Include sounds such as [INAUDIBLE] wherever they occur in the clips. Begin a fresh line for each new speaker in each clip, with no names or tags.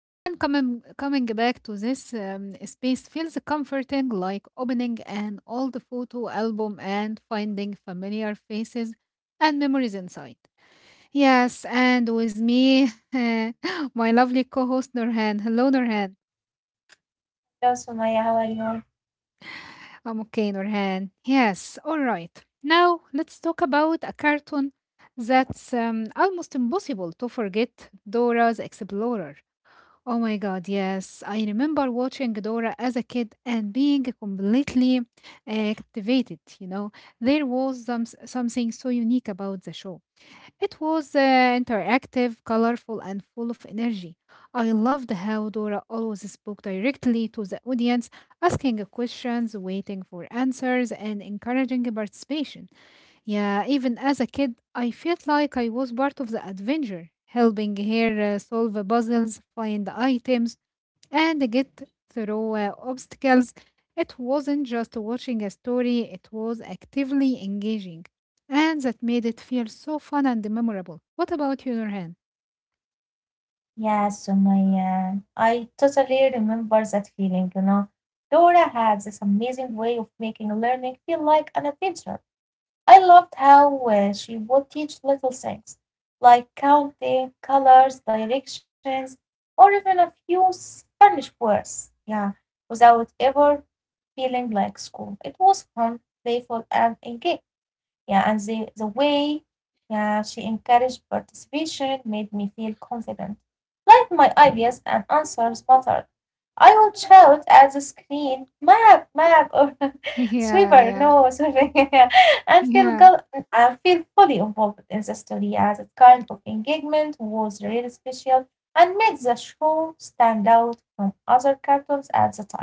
And coming back to this space feels comforting, like opening an old photo album and finding familiar faces and memories inside. Yes, and with me, [LAUGHS] my lovely co host Nurhan. Hello, Nurhan.
Hello, Sumaya. How are you?
I'm okay, Nurhan. Yes, all right. Now, let's talk about a cartoon that's almost impossible to forget Dora's Explorer. Oh my god, yes. I remember watching Dora as a kid and being completely captivated. There was something so unique about the show. It was interactive, colorful, and full of energy. I loved how Dora always spoke directly to the audience, asking questions, waiting for answers, and encouraging participation. Yeah, even as a kid, I felt like I was part of the adventure, helping her solve puzzles, find items, and get through obstacles. It wasn't just watching a story, it was actively engaging. And that made it feel so fun and memorable. What about you, Nurhan?
Yes, Sumaya. I totally remember that feeling, you know. Dora had this amazing way of making learning feel like an adventure. I loved how she would teach little things like counting, colors, directions, or even a few Spanish words. Yeah, without ever feeling like school. It was fun, playful, and engaging. Yeah, and the way yeah, she encouraged participation made me feel confident, like my ideas and answers mattered. I would shout at the screen, map, map, or [LAUGHS]
[LAUGHS] Yeah,
swiver,
yeah,
no, swimming, [LAUGHS] and feel
yeah.
go- and feel fully involved in the story. Yeah, that kind of engagement was really special and made the show stand out from other cartoons at the time.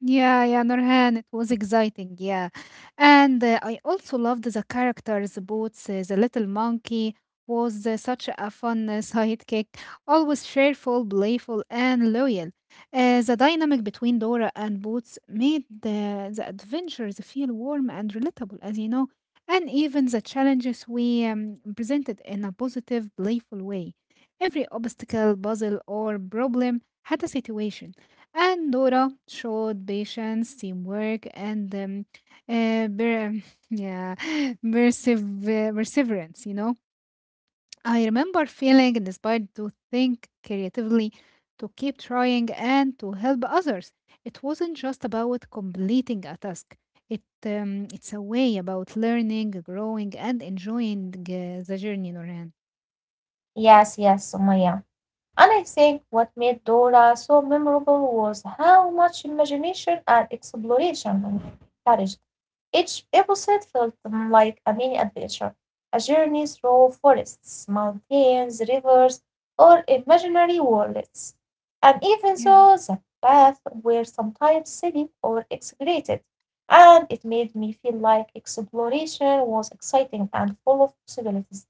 Yeah, yeah, Nurhan, it was exciting, yeah. And I also loved the characters, Boots, the little monkey was such a fun [LAUGHS] sidekick, always cheerful, playful, and loyal. The dynamic between Dora and Boots made the adventures feel warm and relatable, as you know, and even the challenges we presented in a positive, playful way. Every obstacle, puzzle, or problem had a situation and Dora showed patience, teamwork, and uh, per- [LAUGHS] yeah, [LAUGHS] perseverance. I remember feeling inspired to think creatively, to keep trying, and to help others. It wasn't just about completing a task. It's a way about learning, growing, and enjoying the journey, Noran.
Yes, yes, Sumaya. And I think what made Dora so memorable was how much imagination and exploration had she. Each episode felt like a mini adventure, a journey through forests, mountains, rivers, or imaginary worlds. And even though the paths were sometimes silly or exaggerated, and it made me feel like exploration was exciting and full of possibilities.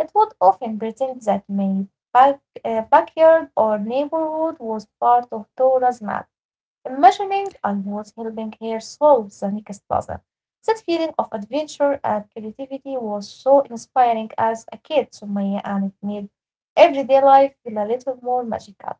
It would often pretend that my backyard or neighborhood was part of Tora's map, imagining I was helping her solve the next puzzle. That feeling of adventure and creativity was so inspiring as a kid, Sumaya, and it made everyday life feel a little more magical.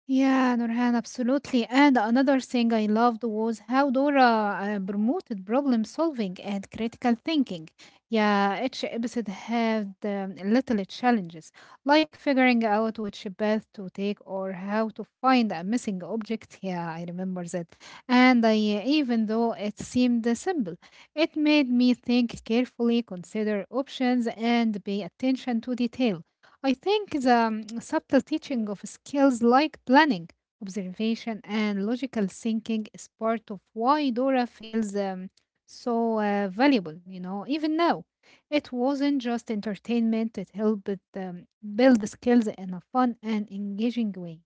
Yeah, Nurhan, absolutely. And another thing I loved was how Dora promoted problem solving and critical thinking. Yeah, each episode had little challenges, like figuring out which path to take or how to find a missing object. Yeah, I remember that. And even though it seemed simple, it made me think carefully, consider options, and pay attention to details. I think the subtle teaching of skills like planning, observation, and logical thinking is part of why Dora feels so valuable, even now. It wasn't just entertainment, it helped um, build skills in a fun and engaging way.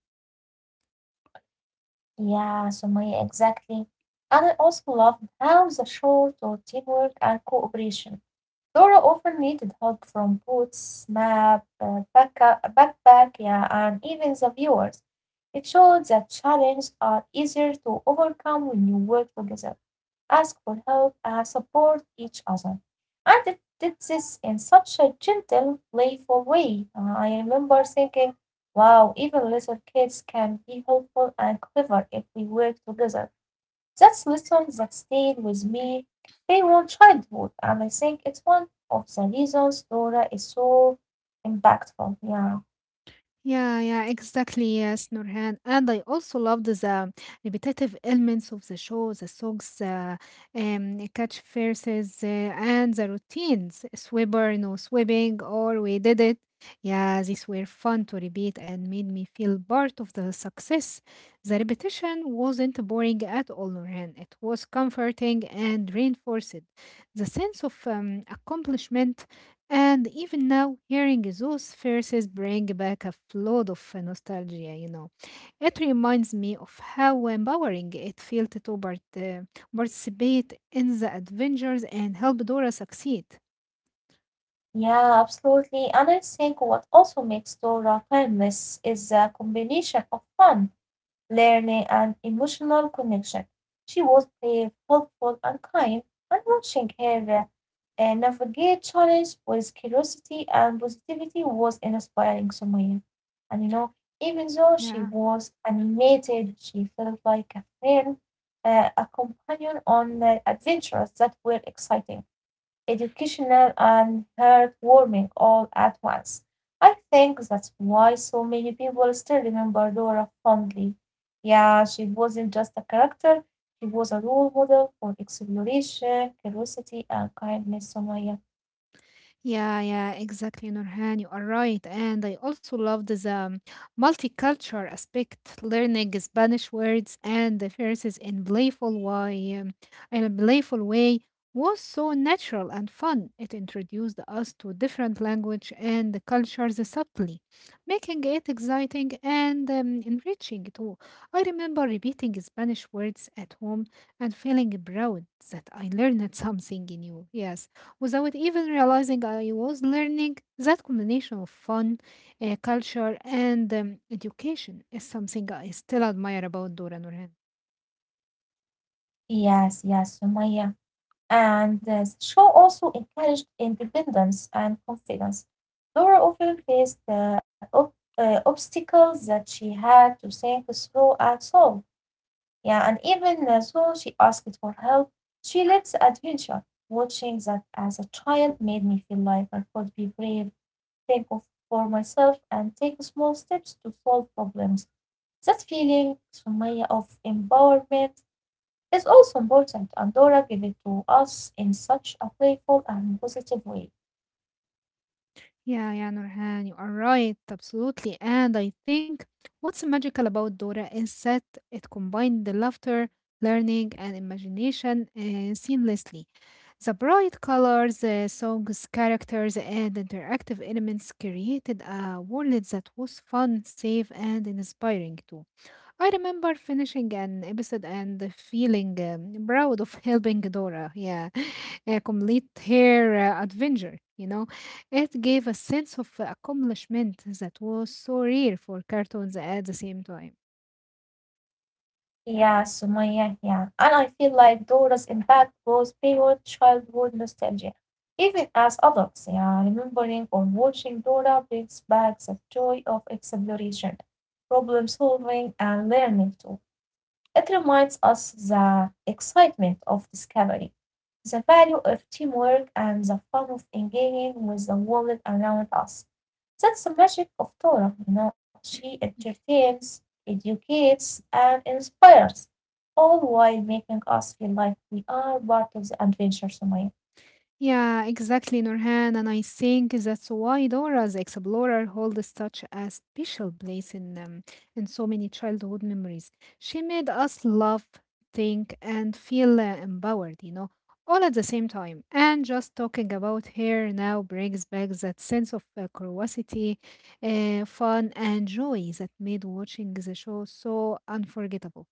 Yeah, Sumaya, exactly. And I also loved how the show taught teamwork and cooperation. Dora often needed help from boots, map, backpack, yeah, and even the viewers. It showed that challenges are easier to overcome when you work together, ask for help, and support each other. And it did this in such a gentle, playful way. I remember thinking, wow, even little kids can be helpful and clever if we work together. That's lessons that stayed with me beyond childhood, and I think it's one of the reasons Dora is so impactful. Yeah.
Yeah, yeah, exactly. Yes, Nurhan. And I also loved the repetitive elements of the show, the songs, catchphrases, and the routines. Swibber, no swimming, or we did it. Yeah, these were fun to repeat and made me feel part of the success. The repetition wasn't boring at all, Nurhan. It was comforting and reinforced the sense of accomplishment and even now, hearing those verses bring back a flood of nostalgia. It reminds me of how empowering it felt to participate in the adventures and help Dora succeed.
Yeah, absolutely. And I think what also makes Dora timeless is the combination of fun, learning, and emotional connection. She was brave, helpful, and kind, and watching her navigate challenge with curiosity and positivity was inspiring, Sumaya. And you know, even though she
Yeah.
was animated, she felt like a friend, a companion on adventures that were exciting, educational, and heartwarming all at once. I think that's why so many people still remember Dora fondly. Yeah, she wasn't just a character, she was a role model for exploration, curiosity, and kindness, Somaya.
Yeah, yeah, exactly, Nurhan. You are right. And I also loved the multicultural aspect, learning Spanish words and the verses in in a playful way was so natural and fun. It introduced us to different language and the cultures subtly, making it exciting and enriching too. I remember repeating Spanish words at home and feeling proud that I learned something new. Yes, without even realizing I was learning that combination of fun, culture, and education is something I still admire about Dora Nurhan.
Yes, yes, Somaya. And the show also encouraged independence and confidence. Dora often faced the obstacles that she had to think through and solve. Yeah, and even though she asked for help, she led the adventure. Watching that as a child made me feel like I could be brave, think of for myself, and take small steps to solve problems. That feeling, Sumaya, of empowerment is also important, and Dora gave it to us in such a playful and positive way.
Yeah, yeah, Nurhan, you are right, absolutely. And I think what's magical about Dora is that it combined the laughter, learning, and imagination seamlessly. The bright colors, the songs, characters, and interactive elements created a world that was fun, safe, and inspiring too. I remember finishing an episode and feeling proud of [LAUGHS] helping Dora, yeah, [LAUGHS] complete her adventure. It gave a sense of accomplishment that was so rare for cartoons at the same time.
Yeah, Sumaya, yeah. And I feel like Dora's impact goes beyond childhood nostalgia. Even as adults, yeah, remembering or watching Dora brings back the joy of exploration, problem solving, and learning too. It reminds us the excitement of discovery, the value of teamwork, and the fun of engaging with the world around us. That's the magic of Torah, you know. She entertains, educates, and inspires, all while making us feel like we are part of the adventure, Sumaya.
Yeah, exactly, Nurhan. And I think that's why Dora the Explorer holds such a special place in in so many childhood memories. She made us love, think, and feel empowered, all at the same time. And just talking about her now brings back that sense of curiosity, fun, and joy that made watching the show so unforgettable.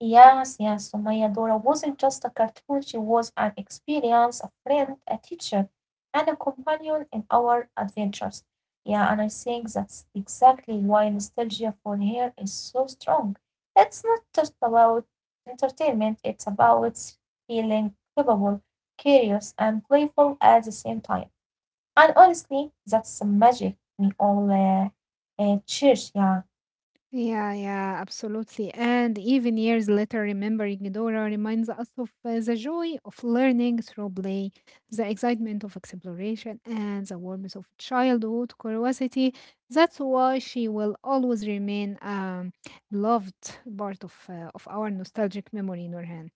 Yes, yes, Sumaya, Dora wasn't just a cartoon, she was an experience, a friend, a teacher, and a companion in our adventures. Yeah, and I think that's exactly why nostalgia for her is so strong. It's not just about entertainment, it's about feeling capable, curious, and playful at the same time. And honestly, that's the magic we all cherish. Yeah.
Yeah, yeah, absolutely. And even years later, remembering Dora reminds us of the joy of learning through play, the excitement of exploration, and the warmth of childhood curiosity. That's why she will always remain loved part of our nostalgic memory, Nurhan.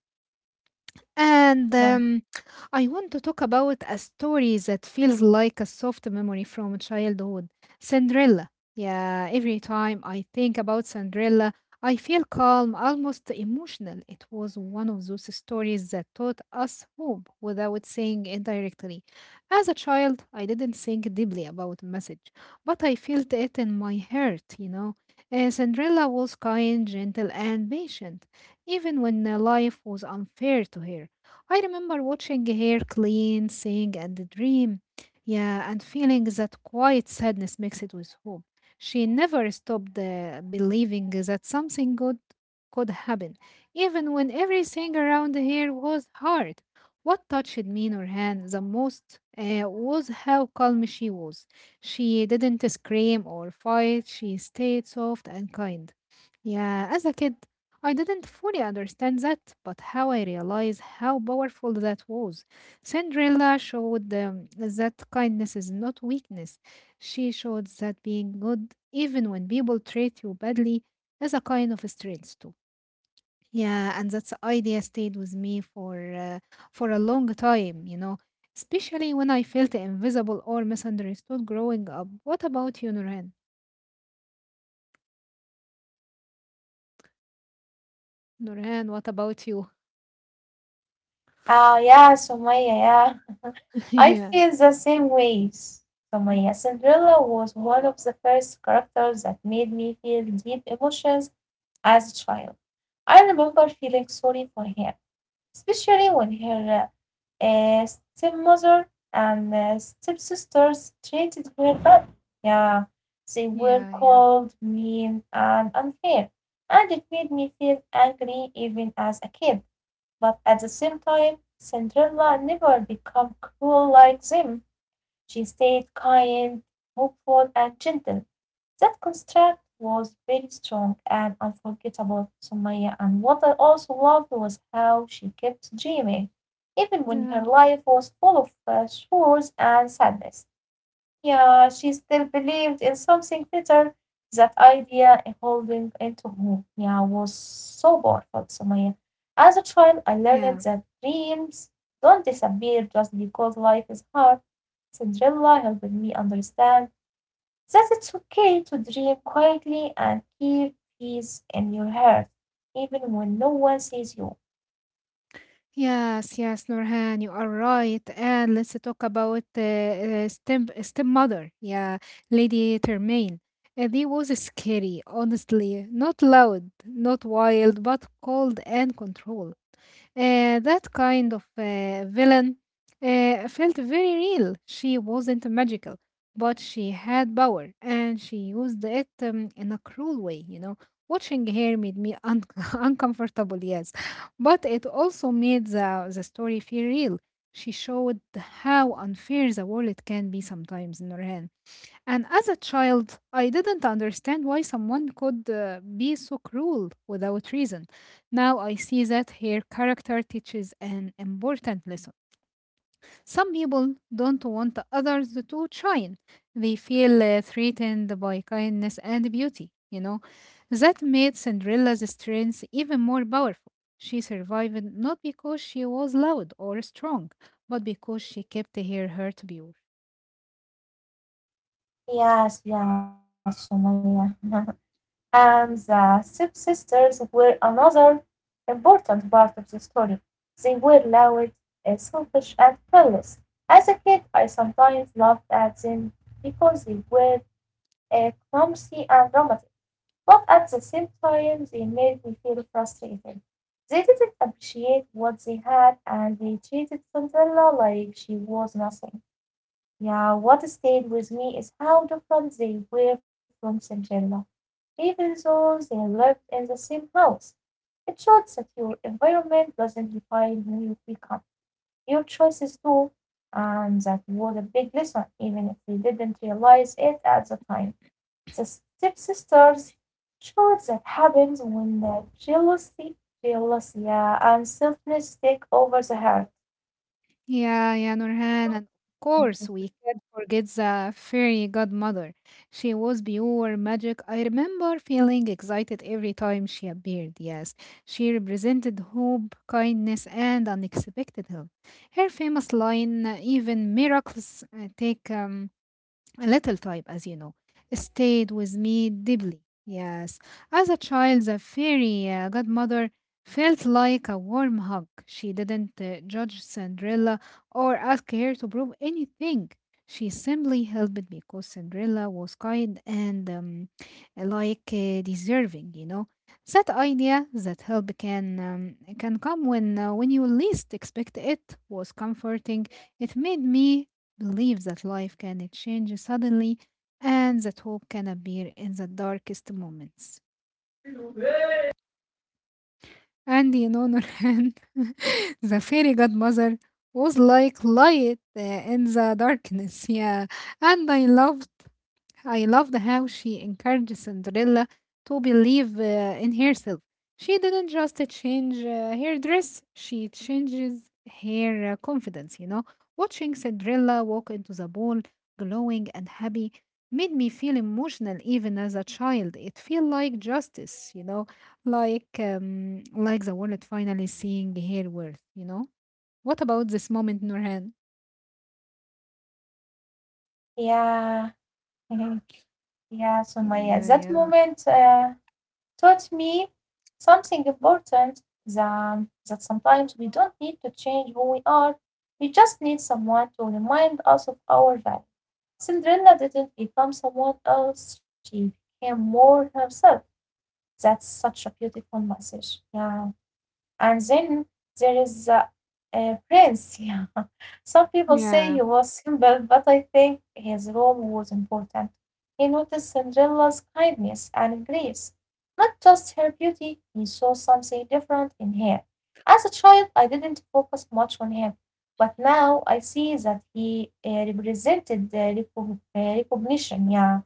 And
Yeah.
I want to talk about a story that feels like a soft memory from childhood Cinderella. Yeah, every time I think about Cinderella, I feel calm, almost emotional. It was one of those stories that taught us hope without saying it directly. As a child, I didn't think deeply about message, but I felt it in my heart. Cinderella was kind, gentle, and patient even when life was unfair to her. I remember watching her clean, sing, and dream. Yeah, and feeling that quiet sadness mixed with hope. She never stopped believing that something good could happen, even when everything around her was hard. What touched me, Nurhan, the most was how calm she was. She didn't scream or fight, she stayed soft and kind. Yeah, as a kid, I didn't fully understand that, but how I realized how powerful that was. Cinderella showed that kindness is not weakness. She showed that being good, even when people treat you badly, is a kind of strength too. Yeah, and that idea stayed with me for for a long time, especially when I felt invisible or misunderstood growing up. What about you, Nurhan? Nurhan, what about you?
Ah, yeah, Sumaya, yeah.
[LAUGHS]
I
Yeah.
feel the same ways. So my Cinderella was one of the first characters that made me feel deep emotions as a child. I remember feeling sorry for her, especially when her uh, uh, stepmother and stepsisters treated her badly. Yeah, they were
Yeah, yeah.
cold, mean, and unfair, and it made me feel angry even as a kid. But at the same time Cinderella never became cruel like them; she stayed kind, hopeful, and gentle. That contrast was very strong and unforgettable, Sumaya, and what I also loved was how she kept dreaming, even when her
Yeah,
life was full of sorrows and sadness. Yeah, she still believed in something better. That idea and holding into hope, yeah, was so powerful, Sumaya. As a child, I learned
yeah.
that dreams don't disappear just because life is hard. Cinderella helped me understand that it's okay to dream quietly and keep peace in your heart, even when no one sees you.
Yes, yes, Nurhan, you are right. And let's talk about stem stepmother, yeah, Lady Termain. They was scary, honestly. Not loud, not wild, but cold and control. That kind of villain felt very real. She wasn't magical, but she had power and she used it in a cruel way. Watching her made me [LAUGHS] uncomfortable, yes, but it also made the story feel real. She showed how unfair the world can be sometimes, Nurhan. And as a child, I didn't understand why someone could be so cruel without reason. Now I see that her character teaches an important lesson. Some people don't want others to shine, they feel threatened by kindness and beauty. That made Cinderella's strength even more powerful. She survived not because she was loud or strong, but because she kept her heart pure.
Yes, yes, Sumaya. [LAUGHS] And the stepsisters were another important part of the story. They were loud, selfish, and careless. As a kid, I sometimes laughed at them because they were clumsy and dramatic, but at the same time, they made me feel frustrated. They didn't appreciate what they had and they treated Cinderella like she was nothing. Yeah, what stayed with me is how different they were from Cinderella, even though they lived in the same house. It shows that your environment doesn't define who you become. Your choices do, and that was a big lesson, even if we didn't realize it at the time. The stepsisters showed that happens when the jealousy, yeah, and selfness take over the heart.
Yeah, yeah, Nurhan. And of course,
[LAUGHS]
we can't forget the fairy godmother. She was pure magic. I remember feeling excited every time she appeared. Yes, she represented hope, kindness, and unexpected help. Her famous line, even miracles take a little type, as you know, stayed with me deeply. Yes, as a child, the fairy godmother felt like a warm hug. She didn't judge Cinderella or ask her to prove anything. She simply helped because Cinderella was kind and like deserving. That idea that help can come when you least expect it was comforting. It made me believe that life can change suddenly and that hope can appear in the darkest moments. And in honor hand, [LAUGHS] the fairy godmother was like light in the darkness. Yeah. And I loved how she encouraged Cinderella to believe in herself. She didn't just change her dress, she changes her confidence. Watching Cinderella walk into the ball, glowing and happy, made me feel emotional even as a child. It felt like justice, like the world finally seeing her worth. What about this moment, Nurhan?
Yeah. [LAUGHS] Yeah, Sumaya,
Yeah,
that
yeah.
moment taught me something important, that that sometimes we don't need to change who we are. We just need someone to remind us of our value. Cinderella didn't become someone else, she became more herself. That's such a beautiful message. Yeah. And then there is Prince. [LAUGHS] Yeah. Some people say he
Yeah,
was simple, but I think his role was important. He noticed Cinderella's kindness and grace, not just her beauty. He saw something different in her. As a child, I didn't focus much on him, but now I see that he represented the recognition. Yeah.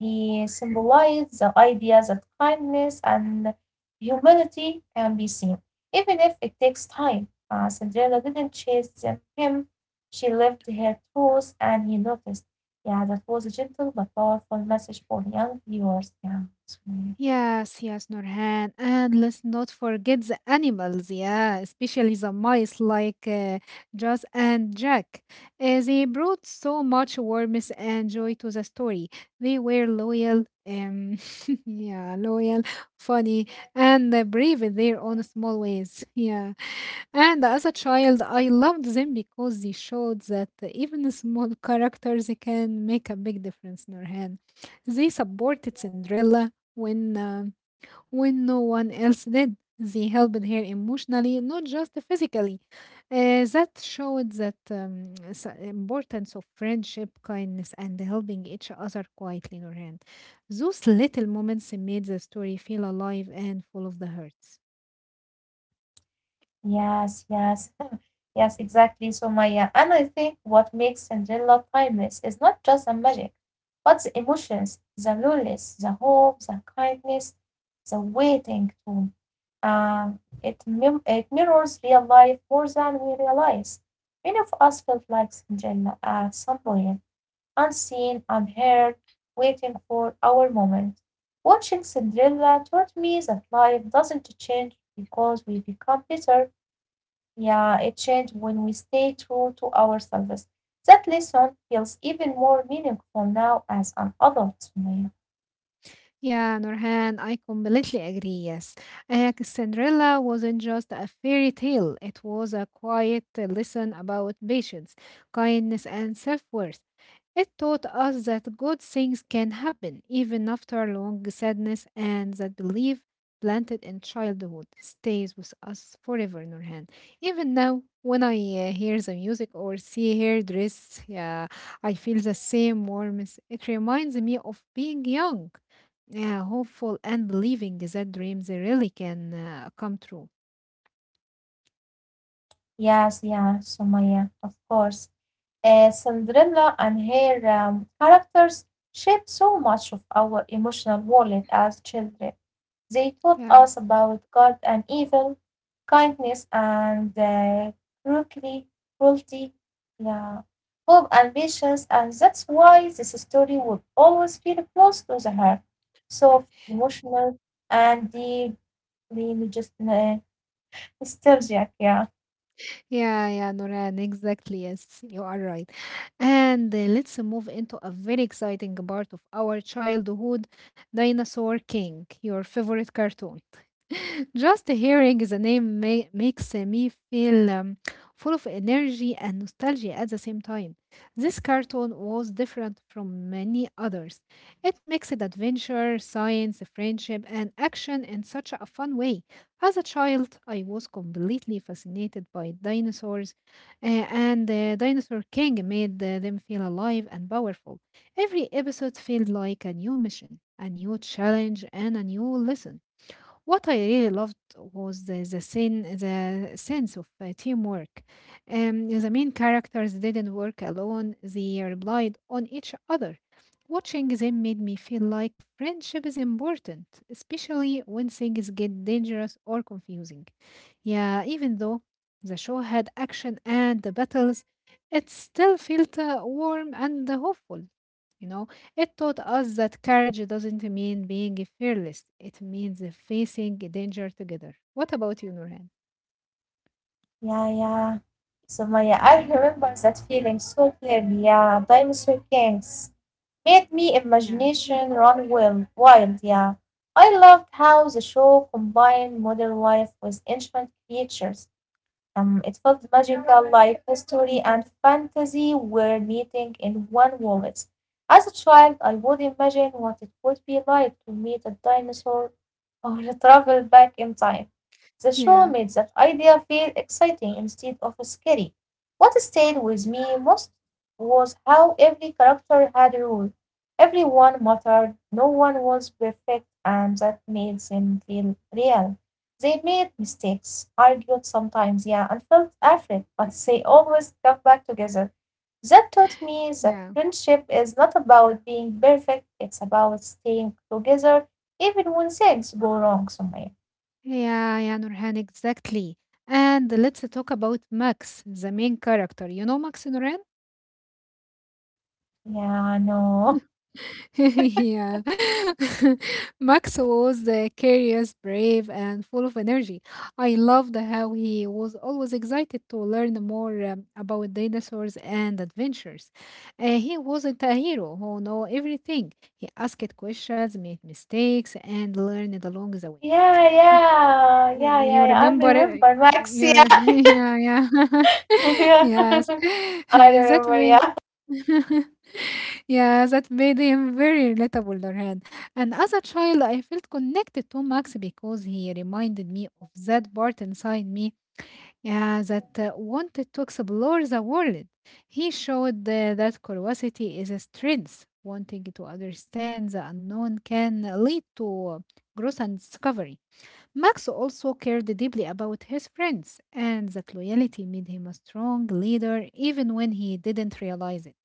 He symbolized the idea that kindness and humility can be seen, even if it takes time. Cinderella didn't chase him. She lived her truth and he noticed. Yeah, that was a gentle but powerful message for young viewers. Yeah. So,
Yes, yes, Nurhan. And let's not forget the animals, yeah, especially the mice like Jazz and Jack. They brought so much warmth and joy to the story. They were loyal, [LAUGHS] yeah, loyal, funny, and brave in their own small ways. [LAUGHS] Yeah. And as a child, I loved them because they showed that even small [LAUGHS] characters can make a big difference, Nurhan. They supported Cinderella when no one else did. They helped her emotionally, not just physically. That showed that importance of friendship, kindness, and helping each other quietly, Nurhan. Those little moments made the story feel alive and full of the hurts.
yes, yes. Yes, exactly, So Maya. And I think what makes Cinderella timeless is not just the magic, but the emotions, the loneliness, the hope, the kindness, the waiting too. Uh, it mirrors real life more than we realize. Many of us felt like Cinderella at some point, unseen, unheard, waiting for our moment. Watching Cinderella taught me that life doesn't change because we become better. Yeah, it changes when we stay true to ourselves. That lesson feels even more meaningful now as an adult, Sumaya.
Yeah, Nurhan, I completely agree. Yes, Cinderella wasn't just a fairy tale, it was a quiet lesson about patience, kindness, and self worth. It taught us that good things can happen even after long sadness, and that belief planted in childhood stays with us forever, Nurhan. Even now, when I hear the music or see her dress, yeah, I feel the same warmth. It reminds me of being young, yeah, hopeful and believing that dreams really can come true.
Yes, yeah, Sumaya, of course. Cinderella and her characters shaped so much of our emotional world as children. They taught us
Yeah.
about good and evil, kindness and cruelty, cruelty, yeah, hope and patience, and that's why this story would always feel close to the heart, soft, emotional, and deeply just nostalgic. Yeah.
Yeah, yeah, Noran, exactly. Yes, you are right. And let's move into a very exciting part of our childhood, Dinosaur King, your favorite cartoon. [LAUGHS] Just hearing the name makes me feel full of energy and nostalgia at the same time. This cartoon was different from many others. It mixed adventure, science, friendship, and action in such a fun way. As a child, I was completely fascinated by dinosaurs, and the Dinosaur King made them feel alive and powerful. Every episode felt like a new mission, a new challenge, and a new lesson. What I really loved was the sense of teamwork. The main characters didn't work alone; they relied on each other. Watching them made me feel like friendship is important, especially when things get dangerous or confusing. Yeah, even though the show had action and the battles, it still felt warm and hopeful. you know it taught us that courage doesn't mean being fearless, it means facing danger together. What about you, Nurhan?
Yeah, yeah. So Maya, I remember that feeling so clearly. Yeah, dinosaur kings made me
Yeah,
imagination run wild. Yeah, I loved how the show combined modern life with ancient creatures. It felt magical, like history and fantasy were meeting in one wallet. As a child, I would imagine what it would be like to meet a dinosaur or [LAUGHS] travel back in time. The show made
yeah,
that idea feel exciting instead of scary. What stayed with me most was how every character had a role. Everyone mattered, no one was perfect, and that made them feel real. They made mistakes, argued sometimes, yeah, and felt afraid, but they always came back together. That taught me that
yeah,
friendship is not about being perfect, it's about staying together even when things go wrong somewhere.
yeah, yeah, Nurhan, exactly. And let's talk about Max, the main character. You know Max, Nurhan?
Yeah, I know. [LAUGHS]
[LAUGHS] Yeah. [LAUGHS] Max was curious, brave, and full of energy. I loved how he was always excited to learn more about dinosaurs and adventures. He wasn't a hero who knew everything. He asked questions, made mistakes, and learned along the way.
Yeah. I
You remember
remember
it-
Max. Yeah,
you re- [LAUGHS] Yeah, yeah.
[LAUGHS]
[LAUGHS]
yeah. [LAUGHS]
Yes.
I
[LAUGHS] That
remember.
made
Yeah.
[LAUGHS] yeah, that made him very relatable, Lorraine. And as a child, I felt connected to Max because he reminded me of that part inside me, yeah, that wanted to explore the world. He showed that curiosity is a strength. Wanting to understand the unknown can lead to growth and discovery. Max also cared deeply about his friends, and that loyalty made him a strong leader even when he didn't realize it.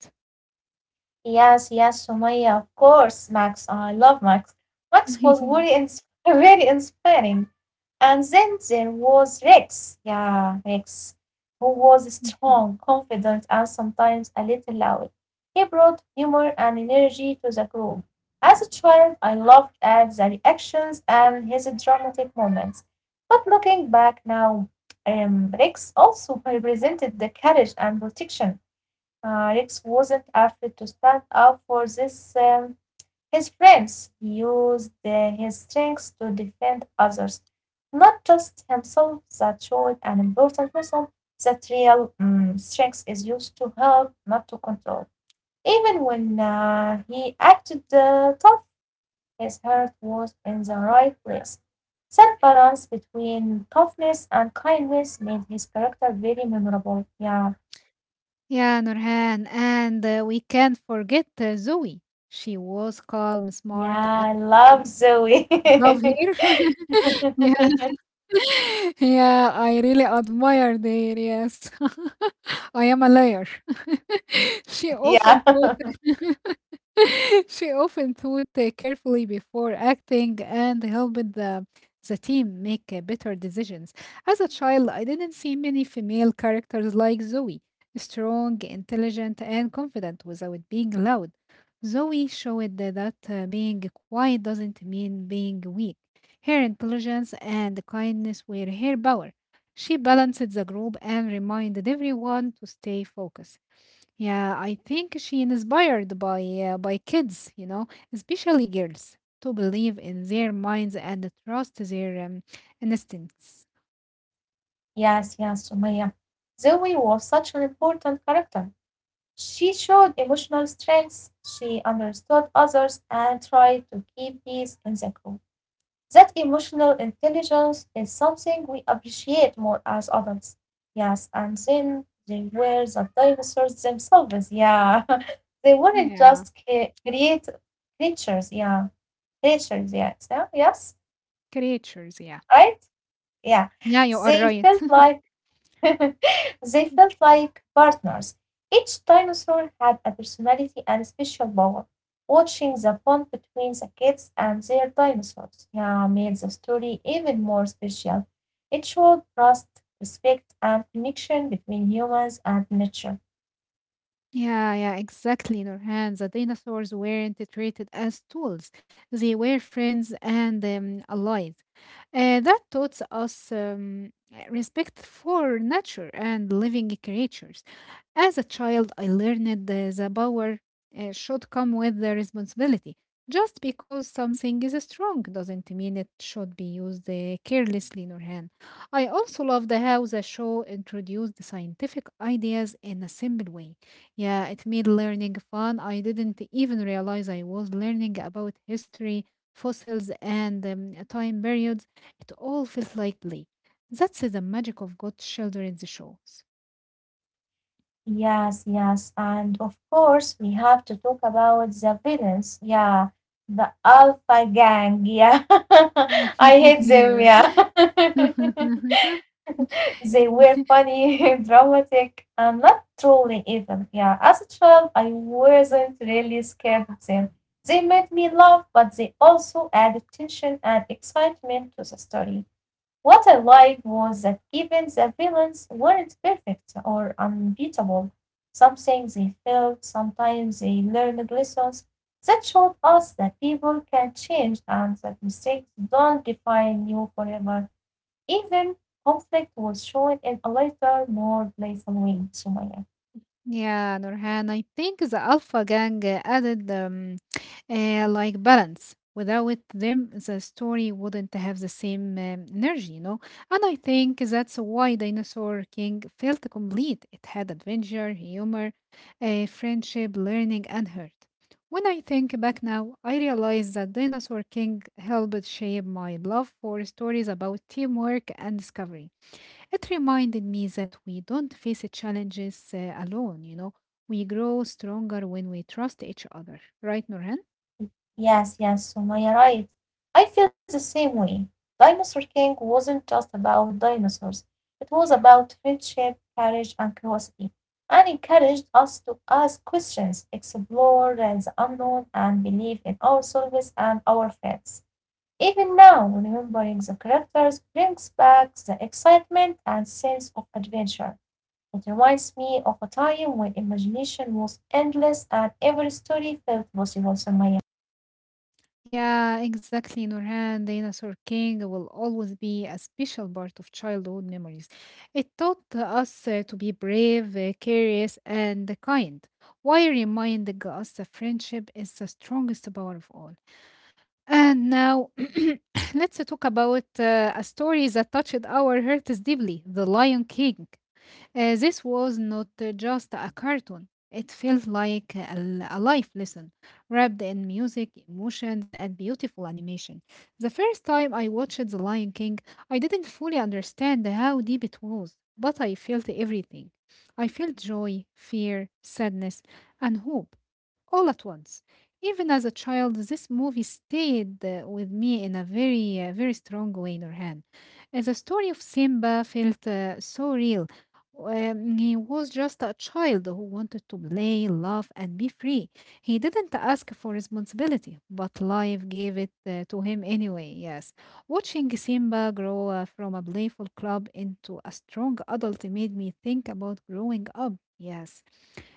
Yes, yes, Sumaya, of course, Max. Oh, I love Max. Max was
[LAUGHS]
[LAUGHS] very inspiring. And then there was Rex. Yeah, Rex, who was strong, confident, and sometimes a little loud. He brought humor and energy to the group. As a child, I loved at the reactions and his dramatic moments. But looking back now, Rex also [LAUGHS] represented the courage and protection. Rex wasn't afraid to stand up for his friends. He used his strengths to defend others, not just himself. That showed an important lesson that real strength is used to help, not to control. Even when he acted tough, his heart was in the right place. That balance between toughness and kindness made his character very memorable. Yeah.
Yeah, Nurhan, and we can't forget Zoe. She was calm, smart, and
Yeah, I love Zoe.
love
[LAUGHS]
here. [LAUGHS] Yeah. [LAUGHS] Yeah, I really admired her, yes. [LAUGHS] I am a liar. [LAUGHS] She
Yeah.
often thought [LAUGHS] [LAUGHS] she often thought carefully before acting and helped the team make better decisions. As a child, I didn't see many female characters like Zoe: strong, intelligent, and confident without being loud. Zoe showed that being quiet doesn't mean being weak. Her intelligence and kindness were her power. She balanced the group and reminded everyone to stay focused. Yeah, I think she inspired by kids, you know, especially girls, to believe in their minds and trust their instincts.
Yes, yes, Sumaya. Zoe was such an important character. She showed emotional strength, she understood others, and tried to keep peace in the group. That emotional intelligence is something we appreciate more as adults. Yes, and then they were the dinosaurs themselves. Yeah, [LAUGHS] they weren't
Yeah,
just create creatures. Yeah. Nature, yeah, yeah, yes,
creatures. Yeah,
right? Yeah,
yeah, you are
they
right.
felt like [LAUGHS] they felt
[LAUGHS]
like partners. Each dinosaur had a personality and special power. Watching the bond between the kids and their dinosaurs, yeah, made the story even more special. It showed trust, respect, and connection between humans and nature.
Yeah, yeah, exactly, Nurhan. The dinosaurs weren't treated as tools. They were friends and allies. That taught us respect for nature and living creatures. As a child, I learned the power should come with the responsibility. Just because something is strong doesn't mean it should be used carelessly, Nurhan. I also love the how the show introduced the scientific ideas in a simple way. Yeah, it made learning fun. I didn't even realize I was learning about history, fossils, and time periods. It all felt like play. That's the magic of good children's shows.
Yes, yes. And of course, we have to talk about the villains. Yeah, the Alpha Gang. Yeah, [LAUGHS] I
[LAUGHS]
hate them.
Yeah.
Yeah. [LAUGHS]
[LAUGHS]
[LAUGHS] They were funny, [LAUGHS] dramatic, and not trolly even. Yeah, as a child, I wasn't really scared of them. They made me laugh, but they also added tension and excitement to the story. What I liked was that even the villains weren't perfect or unbeatable. Something they failed, sometimes they learned lessons that showed us that people can change and that mistakes don't define you forever. Even conflict was shown in a lighter, more playful way, Sumaya.
Yeah, Nurhan, I think the Alpha Gang added like balance. Without them, the story wouldn't have the same energy, you know? And I think that's why Dinosaur King felt complete. It had adventure, humor, friendship, learning, and hurt. When I think back now, I realize that Dinosaur King helped shape my love for stories about teamwork and discovery. It reminded me that we don't face challenges alone, you know. We grow stronger when we trust each other. Right, Nurhan?
Yes, yes, Sumaya, right. I feel the same way. Dinosaur King wasn't just about dinosaurs, it was about friendship, courage, and curiosity, and encouraged us to ask questions, explore the unknown, and believe in ourselves and our friends. Even now, remembering the characters brings back the excitement and sense of adventure. It reminds me of a time when imagination was endless and every story felt possible, Sumaya."
Yeah, exactly, Nurhan. Dinosaur King will always be a special part of childhood memories. It taught us to be brave, curious, and kind, while reminding us that friendship is the strongest power of all. And now, [COUGHS] [CLEARS THROAT] let's talk about a story that touched our hearts deeply: The Lion King. This was not just a cartoon. It felt like a life lesson, wrapped in music, emotions, and beautiful animation. The first time I watched The Lion King, I didn't fully understand how deep it was, but I felt everything. I felt joy, fear, sadness, and hope all at once. Even as a child, this movie stayed with me in a very, very strong way, Nurhan. The story of Simba felt so real. He was just a child who wanted to play, laugh, and be free. He didn't ask for responsibility, but life gave it to him anyway. Yes. Watching Simba grow from a playful club into a strong adult made me think about growing up. Yes.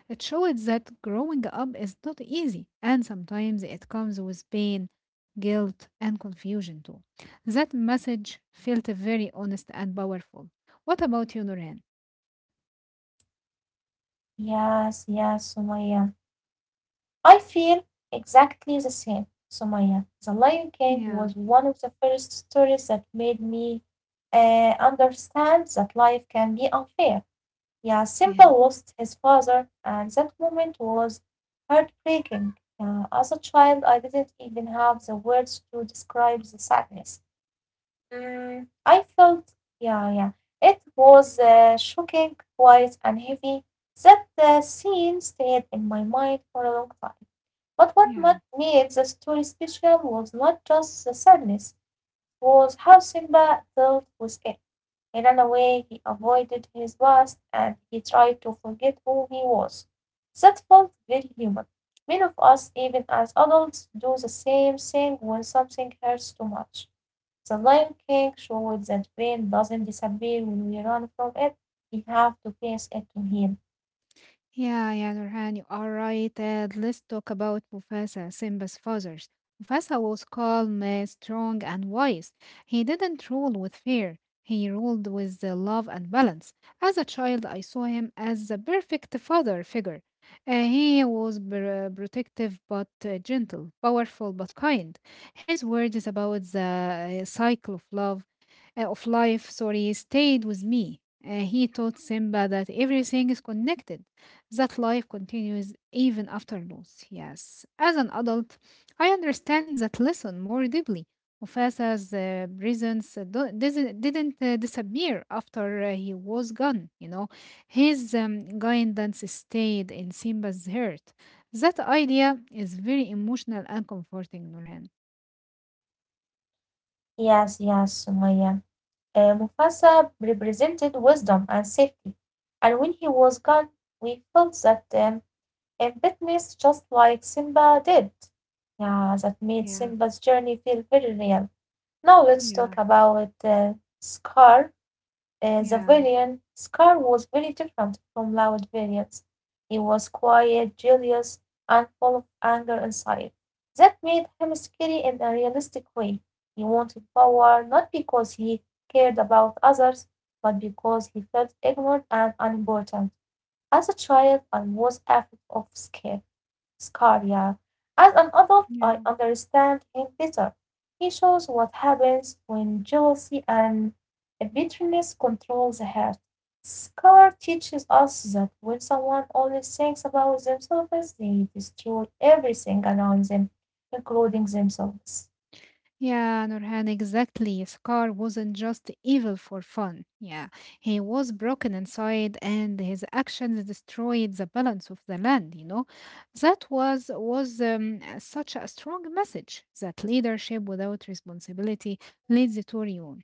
It showed that growing up is not easy, and sometimes it comes with pain, guilt, and confusion too. That message felt very honest and powerful. What about you, Noreen?
"Yes, yes, Sumaya, I feel exactly the same, Sumaya. The Lion King
Yeah.
was one of the first stories that made me understand that life can be unfair. Yeah, Simba
Yeah,
lost his father, and that moment was heartbreaking. Yeah, as a child, I didn't even have the words to describe the sadness. I felt, yeah, yeah. It was shocking, quiet, and heavy. That scene stayed in my mind for a long time. But what
yeah,
made the story special was not just the sadness, was how Simba dealt with it. He ran away, he avoided his past, and he tried to forget who he was. That felt very human. Many of us, even as adults, do the same thing when something hurts too much. The Lion King showed that pain doesn't disappear when we run from it. We have to face it to heal.
yeah, yeah, Nurhan, you are right. And let's talk about Mufasa, Simba's father. Mufasa was calm, strong, and wise. He didn't rule with fear. He ruled with love and balance. As a child, I saw him as the perfect father figure. He was protective but gentle, powerful but kind. His words about the cycle of love of life, sorry, stayed with me. He taught Simba that everything is connected, that life continues even after loss. Yes, as an adult, I understand that lesson more deeply. Mufasa's presence didn't disappear after he was gone, you know. His guidance stayed in Simba's heart. That idea is very emotional and comforting, Nurhan.
Yes, yes, Sumaya. Mufasa represented wisdom and safety, and when he was gone, we felt that and witness just like Simba did. Yeah, that made
Yeah,
Simba's journey feel very real. Now let's talk
yeah,
about Scar, the
yeah,
villain. Scar was very different from loud villains. He was quiet, jealous, and full of anger inside. That made him scary in a realistic way. He wanted power not because he cared about others, but because he felt ignored and unimportant. As a child, I was afraid of scare. Scalia. As an adult, I
yeah.
understand him better. He shows what happens when jealousy and bitterness control the heart. Scar teaches us that when someone only thinks about themselves, they destroy everything around them, including themselves.
Yeah, Nurhan, exactly. Scar wasn't just evil for fun. Yeah, he was broken inside, and his actions destroyed the balance of the land. You know, that was such a strong message that leadership without responsibility leads to ruin.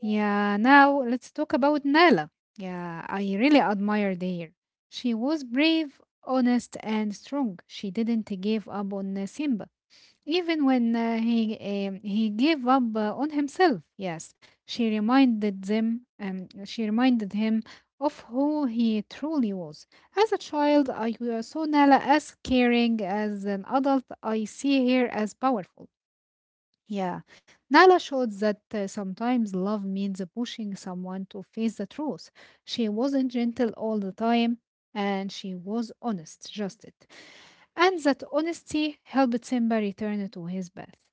Yeah, now let's talk about Nala. Yeah, I really admired her. She was brave, honest, and strong. She didn't give up on Simba. Even when he gave up on himself, yes, she reminded them. She reminded him of who he truly was. As a child, I saw Nala as caring. As an adult, I see her as powerful. Yeah. Nala showed that sometimes love means pushing someone to face the truth. She wasn't gentle all the time, and she was honest, just it. And that honesty helped Simba return to his bath.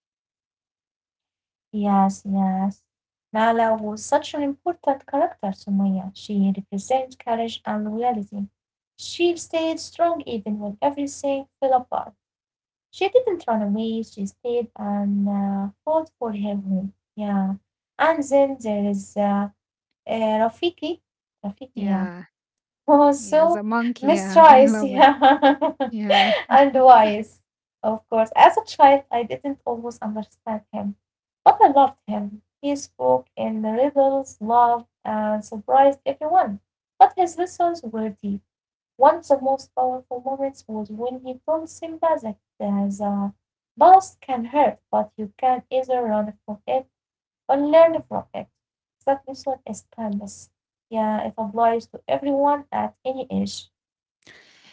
Yes, yes. Nala was such an important character to Maya. She represents courage and loyalty. She stayed strong even when everything fell apart. She didn't run away, she stayed and fought for her home. Yeah. And then there is Rafiki. Rafiki, yeah. [LAUGHS]
Yeah.
Oh,
Yeah.
so
The monkey. Yeah. [LAUGHS] I
mistrust,
love it.
yeah. [LAUGHS]
Yeah.
and wise, of course. As a child, I didn't always understand him, but I loved him. He spoke in riddles, loved, and surprised everyone. But his lessons were deep. One of the most powerful moments was when he told Simba that the past can hurt, but you can either run from it or learn from it. That lesson is timeless. Yeah, it applies to everyone at any age.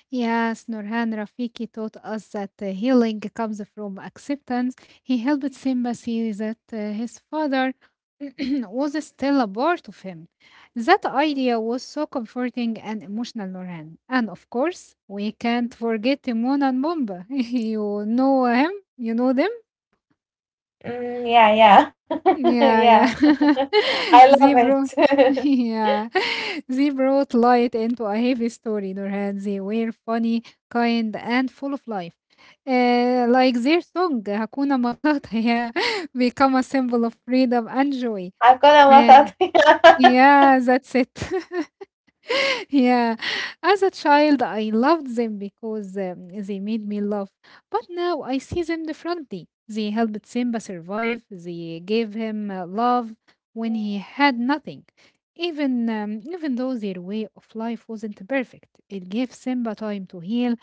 Yes, Nurhan Rafiki taught us that healing comes from acceptance. He helped Simba see that his father [CLEARS THROAT] was still a part of him. That idea was so comforting and emotional, Nurhan. And of course, we can't forget Timon and Pumbaa. [LAUGHS] You know him? You know them?
Mm, yeah, yeah, [LAUGHS]
Yeah, yeah.
yeah. [LAUGHS]
[LAUGHS]
I
They
love
brought, [LAUGHS]
it. [LAUGHS]
yeah, [LAUGHS] they brought light into a heavy story, Nurhan. They were funny, kind, and full of life. Like their song, Hakuna Matata, [LAUGHS] yeah, become a symbol of freedom and joy.
Hakuna
Yeah,
Matata. [LAUGHS]
yeah, that's it. [LAUGHS] Yeah, as a child, I loved them because they made me laugh. But now I see them differently. They helped Simba survive, they gave him love when he had nothing. Even though their way of life wasn't perfect, it gave Simba time to heal,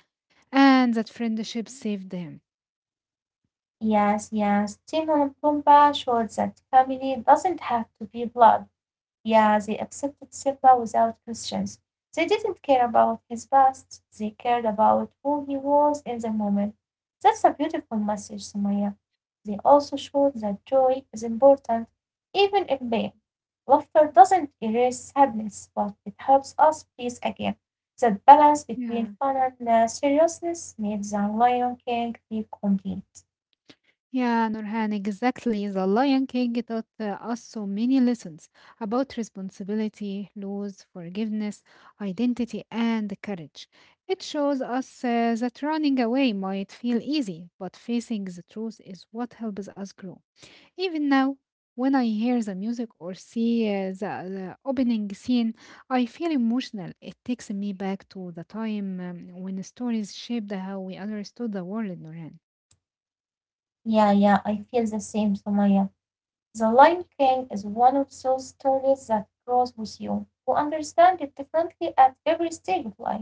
and that friendship saved him.
Yes, yes. Timon and Pumbaa showed that family doesn't have to be blood. Yeah, they accepted Seba without questions. They didn't care about his past, they cared about who he was in the moment. That's a beautiful message, Sumaya. They also showed that joy is important, even in pain. Laughter doesn't erase sadness, but it helps us breathe again. That balance
Yeah.
between fun and seriousness made the Lion King feel complete.
Yeah, Nurhan, exactly. The Lion King taught us so many lessons about responsibility, laws, forgiveness, identity, and courage. It shows us that running away might feel easy, but facing the truth is what helps us grow. Even now, when I hear the music or see the opening scene, I feel emotional. It takes me back to the time when stories shaped how we understood the world, Nurhan.
Yeah, yeah, I feel the same, Sumaya. The Lion King is one of those stories that grows with you. You understand it differently at every stage of life.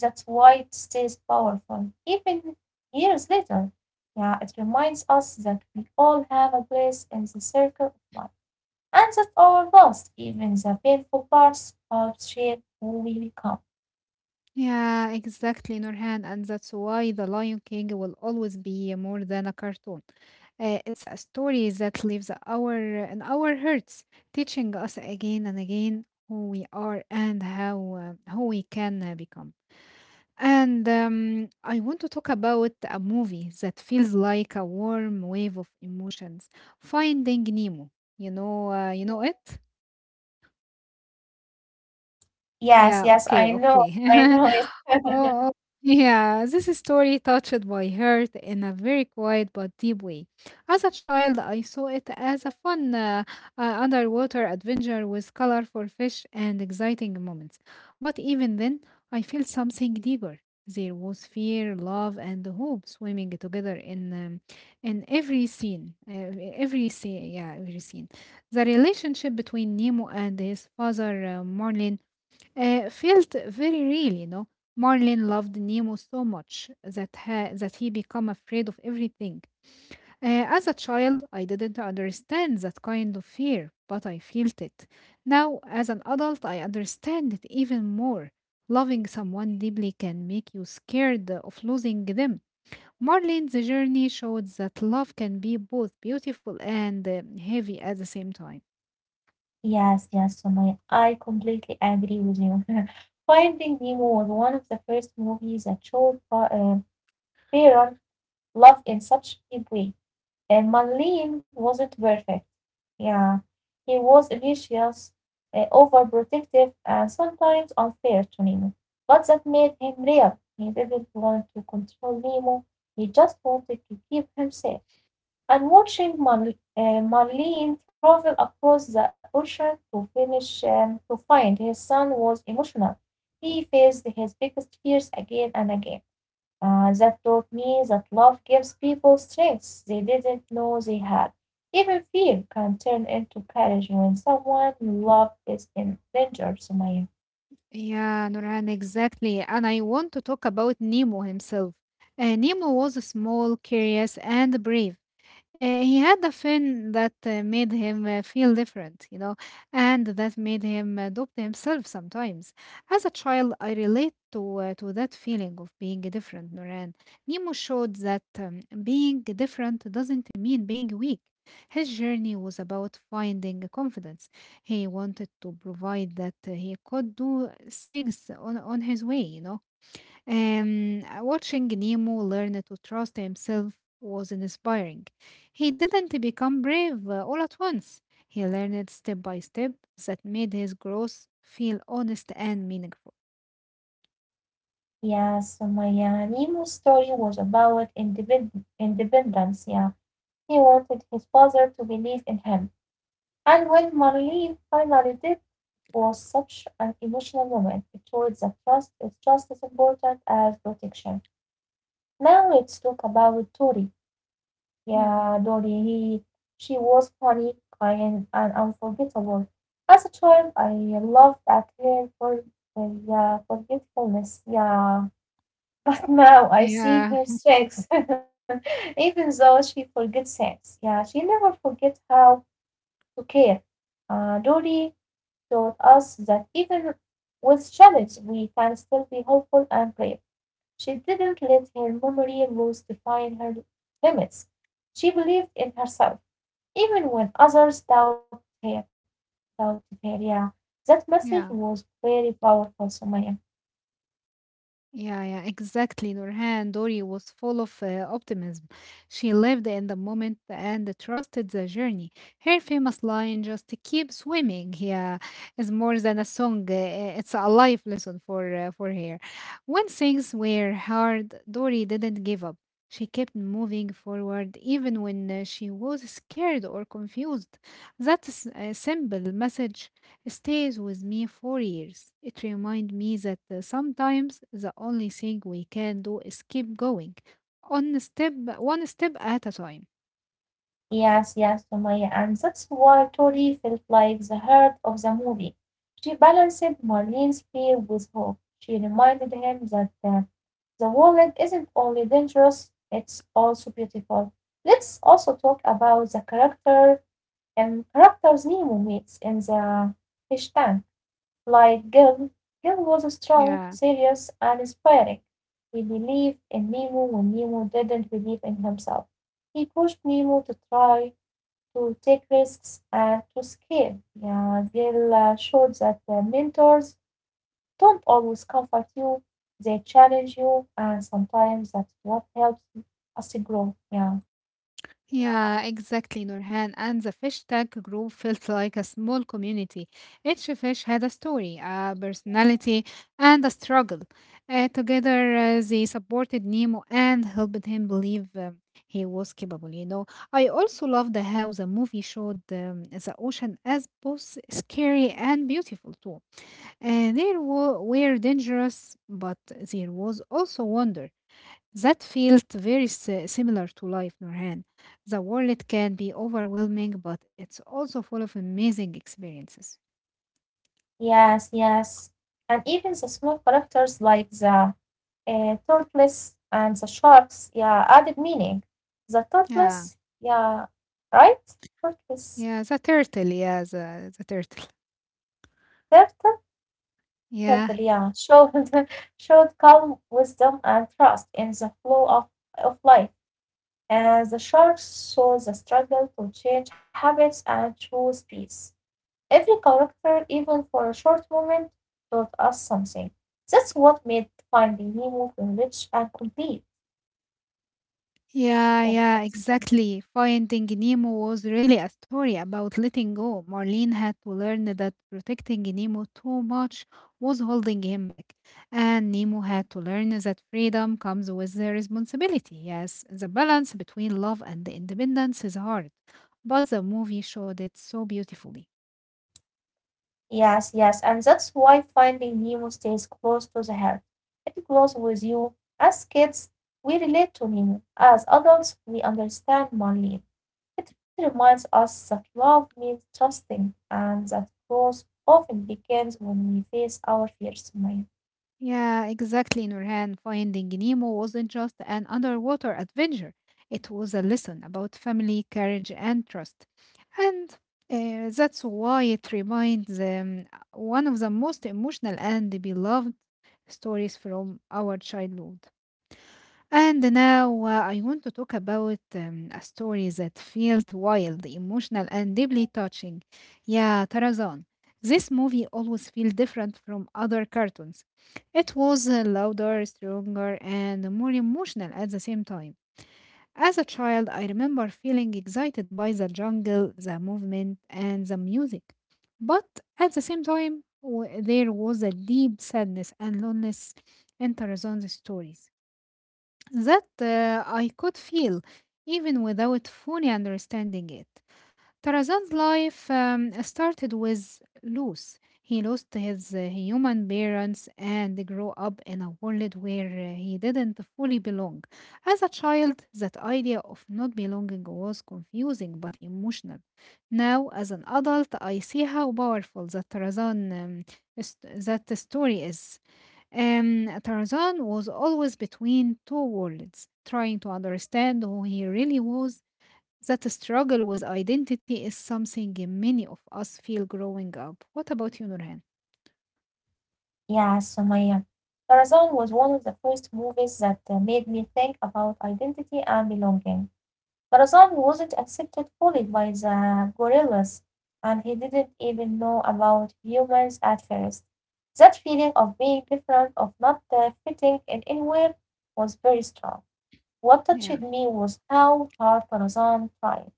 That's why it stays powerful, even years later. Yeah, it reminds us that we all have a place in the circle of life, and that our loss, even the painful parts, help shape who we become.
Yeah, exactly, Nurhan, and that's why The Lion King will always be more than a cartoon. It's a story that lives our in our hearts, teaching us again and again who we are and how who we can become. And I want to talk about a movie that feels like a warm wave of emotions. Finding Nemo. You know it.
Yes,
Yeah,
yes,
okay,
I
okay. [LAUGHS]
know it.
Oh,
[LAUGHS]
oh, yeah, this story touched my heart in a very quiet but deep way. As a child, I saw it as a fun underwater adventure with colorful fish and exciting moments. But even then, I felt something deeper. There was fear, love, and hope swimming together in every scene. Every scene, yeah, every scene. The relationship between Nemo and his father, Marlin felt very real. Marlin loved Nemo so much that that he became afraid of everything. As a child, I didn't understand that kind of fear, but I felt it. Now, as an adult, I understand it even more. Loving someone deeply can make you scared of losing them. Marlin's journey showed that love can be both beautiful and heavy at the same time.
Yes, yes, Sumaya. I completely agree with you. [LAUGHS] Finding Nemo was one of the first movies that showed parent love in such a deep way. And Marlene wasn't perfect. Yeah, he was ambitious, overprotective, and sometimes unfair to Nemo. But that made him real. He didn't want to control Nemo. He just wanted to keep him safe. And watching Marlene travel across the ocean to finish to find his son was emotional. He faced his biggest fears again and again. That taught me that love gives people strengths they didn't know they had. Even fear can turn into courage when someone you love is in danger, Sumaya.
Yeah, Nurhan, exactly. And I want to talk about Nemo himself. Nemo was small, curious, and brave. He had a fin that made him feel different, and that made him doubt himself sometimes. As a child, I relate to that feeling of being different, Noran. Nemo showed that being different doesn't mean being weak. His journey was about finding confidence. He wanted to provide that he could do things on his way. Watching Nemo learn to trust himself was inspiring. He didn't become brave all at once. He learned step by step that made his growth feel honest and meaningful.
Yeah, Sumaya. Nemo's story was about independence. Yeah, he wanted his father to believe in him. And when Marlene finally did, it was such an emotional moment. It showed that trust is just as important as protection. Now let's talk about Tori.
Yeah.
Yeah, Dory, he, she was funny, kind, and unforgettable. As a child, I loved at her for yeah, forgetfulness. Yeah, [LAUGHS] but now I see
Yeah,
her strengths, [LAUGHS] even though she forgets things. Yeah, she never forget how to care. Dory taught us that even with challenges, we can still be hopeful and brave. She didn't let her memory rules define her limits. She believed in herself, even when others doubted her. Doubted her. Yeah, that message
yeah.
was very powerful, Sumaya.
Yeah, yeah, exactly. Nurhan Dori was full of optimism. She lived in the moment and trusted the journey. Her famous line, just keep swimming, yeah, is more than a song. It's a life lesson for for her. When things were hard, Dori didn't give up. She kept moving forward even when she was scared or confused. That's a simple message stays with me for years. It reminds me that sometimes the only thing we can do is keep going, one step at a time.
Yes, yes, Sumaya, and that's why Tori felt like the heart of the movie. She balanced Marlene's fear with hope. She reminded him that the world isn't only dangerous, it's also beautiful. Let's also talk about the character and characters Nemo meets in the fish tank. Like Gil, Gil was strong,
Yeah.
serious, and inspiring. He believed in Nemo when Nemo didn't believe in himself. He pushed Nemo to try to take risks and to scale. Yeah, they'll show that the mentors don't always comfort you, they challenge you, and sometimes that's what helps us to grow. Yeah,
Yeah, exactly, Nurhan. And the fish tank group felt like a small community. Each fish had a story, a personality, and a struggle. Together, they supported Nemo and helped him believe he was capable. I also loved how the movie showed the ocean as both scary and beautiful, too. Were dangerous, but there was also wonder. That felt very similar to life, Nurhan. The world can be overwhelming, but it's also full of amazing experiences.
yes, yes. And even the small characters like the tortoise and the sharks, yeah, added meaning. The
Yeah,
turtles. Yeah, right? Turtles.
yeah, the turtle, yeah, the turtle.
Turtle,
[LAUGHS]
totally,
Yeah.
yeah. Should [LAUGHS] Showed calm wisdom and trust in the flow of life. As the sharks saw the struggle to change habits and choose peace. Every character, even for a short moment, taught us something. That's what made finding Nemo rich and complete.
Yeah,
Yeah,
yeah,
that's- nice.
exactly. Finding Nemo was really a story about letting go. Marlene had to learn that protecting Nemo too much was holding him back. And Nemo had to learn that freedom comes with the responsibility. Yes, the balance between love and independence is hard. But the movie showed it so beautifully.
Yes, yes, and that's why Finding Nemo stays close to the heart. It grows with you. As kids, we relate to Nemo. As adults, we understand Marlene. It reminds us that love means trusting and that growth often begins when we face our fears, Sumaya.
Yeah, exactly, Nurhan. Finding Nemo wasn't just an underwater adventure. It was a lesson about family, courage, and trust. And That's why it reminds one of the most emotional and beloved stories from our childhood. And now I want to talk about a story that felt wild, emotional, and deeply touching. Yeah, Tarzan. This movie always feels different from other cartoons. It was louder, stronger, and more emotional at the same time. As a child, I remember feeling excited by the jungle, the movement, and the music. But at the same time, there was a deep sadness and loneliness in Tarzan's stories that I could feel even without fully understanding it. Tarazan's life started with loss. He lost his human parents and grew up in a world where he didn't fully belong. As a child, that idea of not belonging was confusing but emotional. Now, as an adult, I see how powerful that is- that story is. Tarzan was always between two worlds, trying to understand who he really was. That struggle with identity is something many of us feel growing up. What about you, Nurhan?
Yes, Sumaya. Tarzan was one of the first movies that made me think about identity and belonging. Tarzan wasn't accepted fully by the gorillas, and he didn't even know about humans at first. That feeling of being different, of not fitting in anywhere, was very strong. What
Yeah.
touched me was how hard Tarzan tried.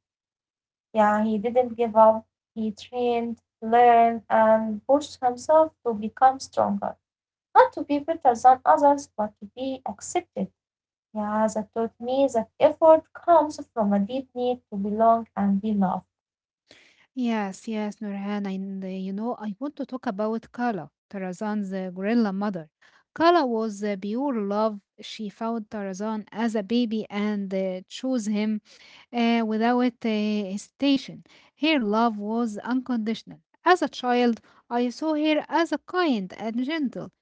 Yeah, he didn't give up. He trained, learned, and pushed himself to become stronger. Not to be better than others, but to be accepted. Yeah, that taught me that effort comes from a deep need to belong and be loved.
Yes, yes, Nurhan, and I want to talk about Kala, Tarazan's gorilla mother. Kala was pure love. She found Tarazan as a baby and chose him without hesitation. Her love was unconditional. As a child, I saw her as a kind and gentle.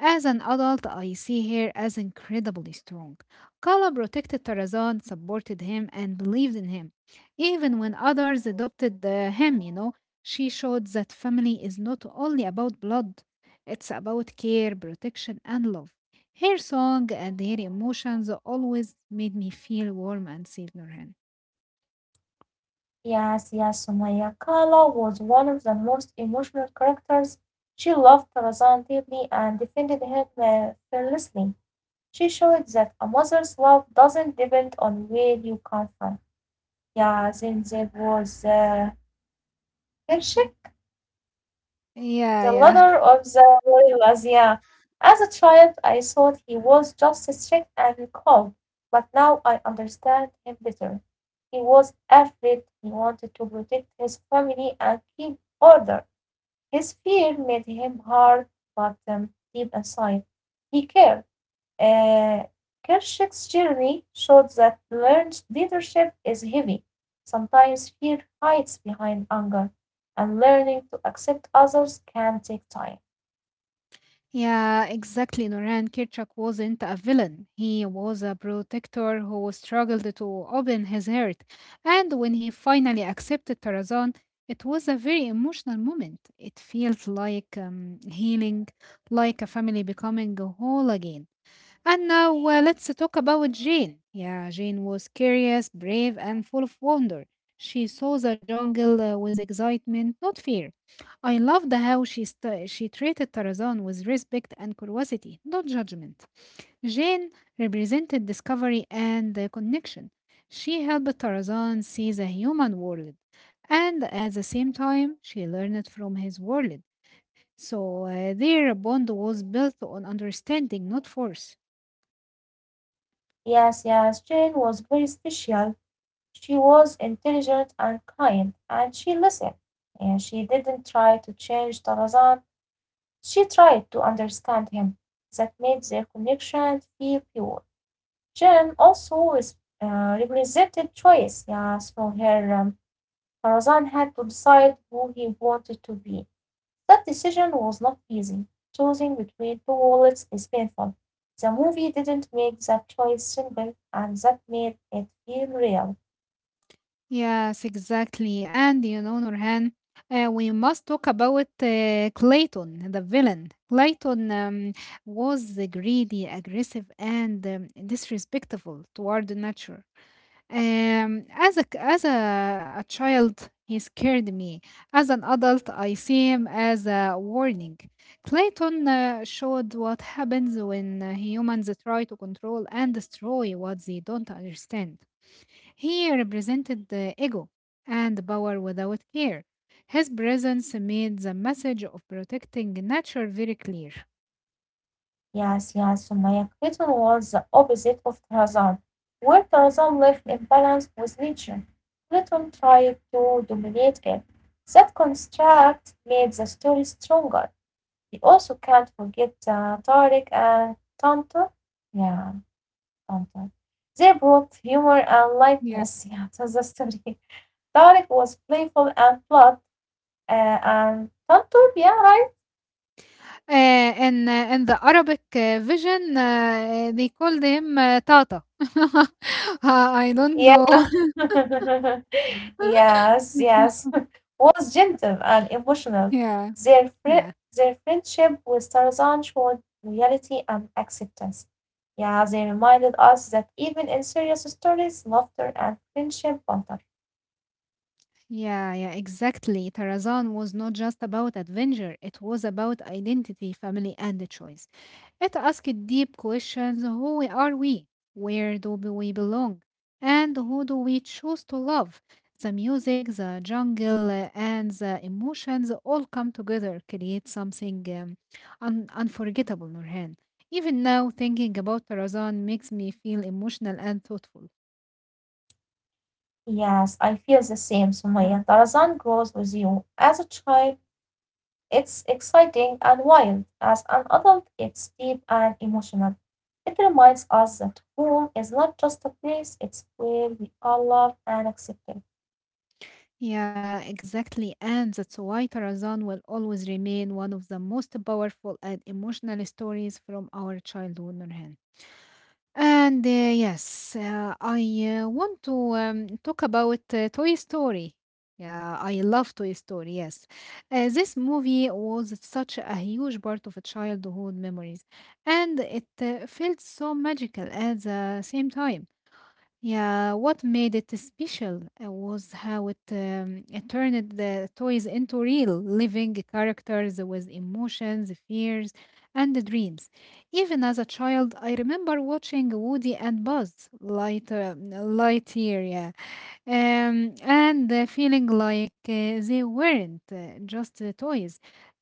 As an adult, I see her as incredibly strong. Kala protected Tarzan, supported him, and believed in him. Even when others adopted him, she showed that family is not only about blood, it's about care, protection, and love. Her song and her emotions always made me feel warm and safe, Nurhan.
Yes, yes, Sumaya, Kala was one of the most emotional characters. She loved Tarzan deeply and defended him fearlessly. She showed that a mother's love doesn't depend on where you come from. Yeah, then there was Kershak.
Yeah,
The
yeah.
leader of the guerrillas, yeah. As a child, I thought he was just strict and cold, but now I understand him better. He was afraid, he wanted to protect his family and keep order. His fear made him hard, but deep inside, he cared. Uh, Kershak's journey showed that learned leadership is heavy. Sometimes fear hides behind anger, and learning to accept others can take time.
Yeah, exactly. Noran Kirchak wasn't a villain. He was a protector who struggled to open his heart. And when he finally accepted Tarazan, it was a very emotional moment. It felt like healing, like a family becoming whole again. And now let's talk about Jane. Yeah, Jane was curious, brave, and full of wonder. She saw the jungle with excitement, not fear. I loved how she treated Tarzan with respect and curiosity, not judgment. Jane represented discovery and connection. She helped Tarzan see the human world, and at the same time, she learned from his world. So their bond was built on understanding, not force.
Yes, yes, Jane was very special. She was intelligent and kind, and she listened, and she didn't try to change Tarzan, she tried to understand him. That made their connection feel pure. Jane also is, represented choice, yes, for her. Tarzan had to decide who he wanted to be. That decision was not easy. Choosing between two wallets is painful. The movie didn't make that choice simple and that made it feel real.
Yes, exactly. And you know, Nurhan, we must talk about Clayton, the villain. Clayton was greedy, aggressive, and disrespectful toward nature. A child, he scared me. As an adult, I see him as a warning. Clayton showed what happens when humans try to control and destroy what they don't understand. He represented the ego and power without care. His presence made the message of protecting nature very clear.
Yes, yes, Sumaya, Clayton was the opposite of Tarzan, where Tarzan lived in balance with nature. Clinton tried to dominate it. That contrast made the story stronger. We also can't forget Tariq and Tonto. Yeah. Anton. They brought humor and
Yeah,
lightness, yeah, to the story. [LAUGHS] Tarek was playful and plot and Tantur, yeah, right?
in in the Arabic vision, they called him Tata. [LAUGHS] I don't know.
Yeah. [LAUGHS] Yes, yes.
[LAUGHS]
[LAUGHS] was gentle and emotional.
Yeah, yeah.
Their friendship with Tarzan showed reality and acceptance. Yeah, they reminded us that even in serious stories, laughter and friendship matter.
Yeah, yeah, exactly. Tarazan was not just about adventure, it was about identity, family, and choice. It asked deep questions: who are we? Where do we belong? And who do we choose to love? The music, the jungle, and the emotions all come together, create something unforgettable, Nurhan. Even now, thinking about Tarazan makes me feel emotional and thoughtful.
Yes, I feel the same, Sumaya. Tarzan grows with you. As a child it's exciting and wild; as an adult it's deep and emotional. It reminds us that home is not just a place, it's where we are loved and accepted.
Yeah, exactly. And that's why Tarzan will always remain one of the most powerful and emotional stories from our childhood, Nurhan. And yes, I want to talk about Toy Story. Yeah, I love Toy Story, yes. This movie was such a huge part of childhood memories, and it felt so magical at the same time. Yeah, what made it special was how it turned the toys into real living characters with emotions, fears, and dreams. Even as a child, I remember watching Woody and Lightyear, yeah, and feeling like they weren't just toys.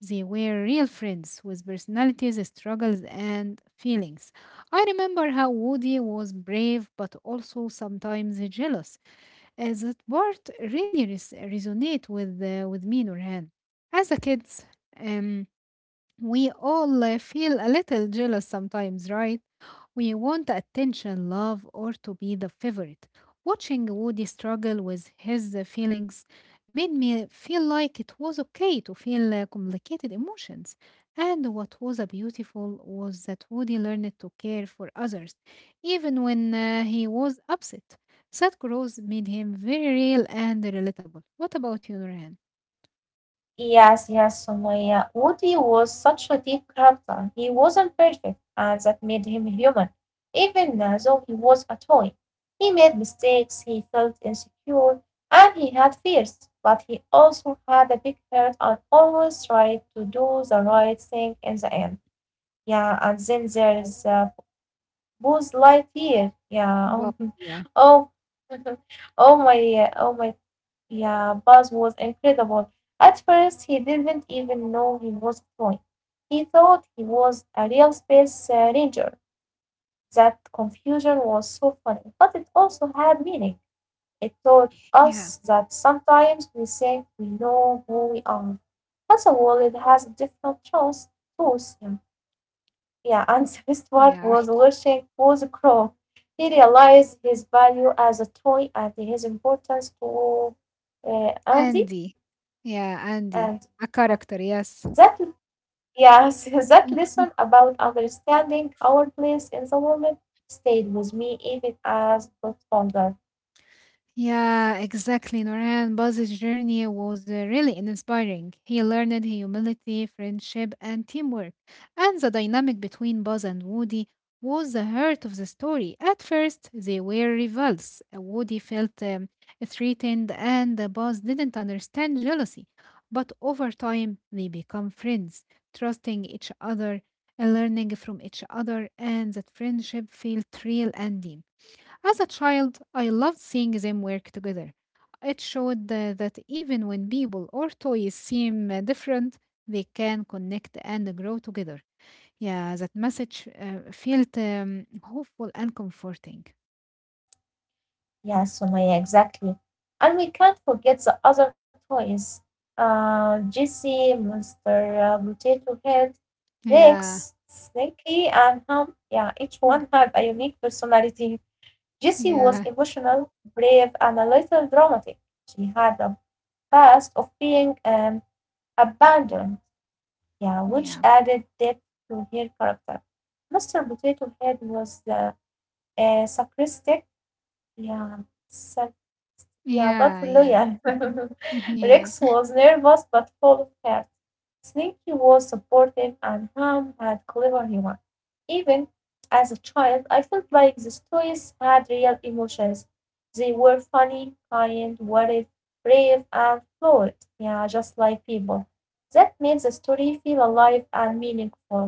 They were real friends with personalities, struggles, and feelings. I remember how Woody was brave but also sometimes jealous. That part really resonate with with me, Nurhan. As a kids, um, we all feel a little jealous sometimes, right? We want attention, love, or to be the favorite. Watching Woody struggle with his feelings made me feel like it was okay to feel complicated emotions. And what was beautiful was that Woody learned to care for others, even when he was upset. That growth made him very real and relatable. What about you, Nurhan?
Yes, yes, Sumaya. Woody was such a deep character. He wasn't perfect, and that made him human. Even though he was a toy, he made mistakes, he felt insecure, and he had fears. But he also had a big heart and always tried to do the right thing in the end. Yeah, and then there's Booze Light. Yeah. Oh,
But
[LAUGHS]
yeah,
oh, [LAUGHS] oh my, oh my. Yeah, Buzz was incredible. At first, he didn't even know he was a toy. He thought he was a real space ranger. That confusion was so funny, but it also had meaning. It taught
yeah,
us that sometimes we think we know who we are, but the world has different truths. Truths. Yeah. Yeah, and Squidward
yeah.
was watching was Crow. He realized his value as a toy and his importance to Andy.
Andy. Yeah, Andy.
And
A
uh,
character, yes.
that, yes, [LAUGHS] that lesson
[LAUGHS]
about understanding our place in the world stayed with me even as got older.
Yeah, exactly. Noran Boz's journey was really inspiring. He learned humility, friendship, and teamwork. And the dynamic between Buzz and Woody was the heart of the story. At first, they were rivals. Woody felt threatened, and Boz didn't understand jealousy. But over time, they become friends, trusting each other, learning from each other, and that friendship felt real and deep. As a child, I loved seeing them work together. It showed that even when people or toys seem different, they can connect and grow together. Yeah, that message felt hopeful and comforting.
Yeah, Sumaya, exactly. And we can't forget the other toys. Jesse, Mr. Potato Head,
Yeah,
Rex, Slinky, and Hum. Yeah, each
mm,
one had a unique personality. Jessie was
yeah,
emotional, brave, and a little dramatic. She had a past of being abandoned, yeah, which
yeah,
added depth to her character. Mr. Potato Head was the sarcastic, yeah, sarcastic yeah, but
yeah, yeah,
loyal. [LAUGHS]
[LAUGHS] yeah.
Rex was nervous but full of heart. Sneaky was supportive, and Ham had clever humor. Even as a child, I felt like the toys had real emotions. They were funny, kind, worried, brave, and fluid. Yeah, just like people. That made the story feel alive and meaningful.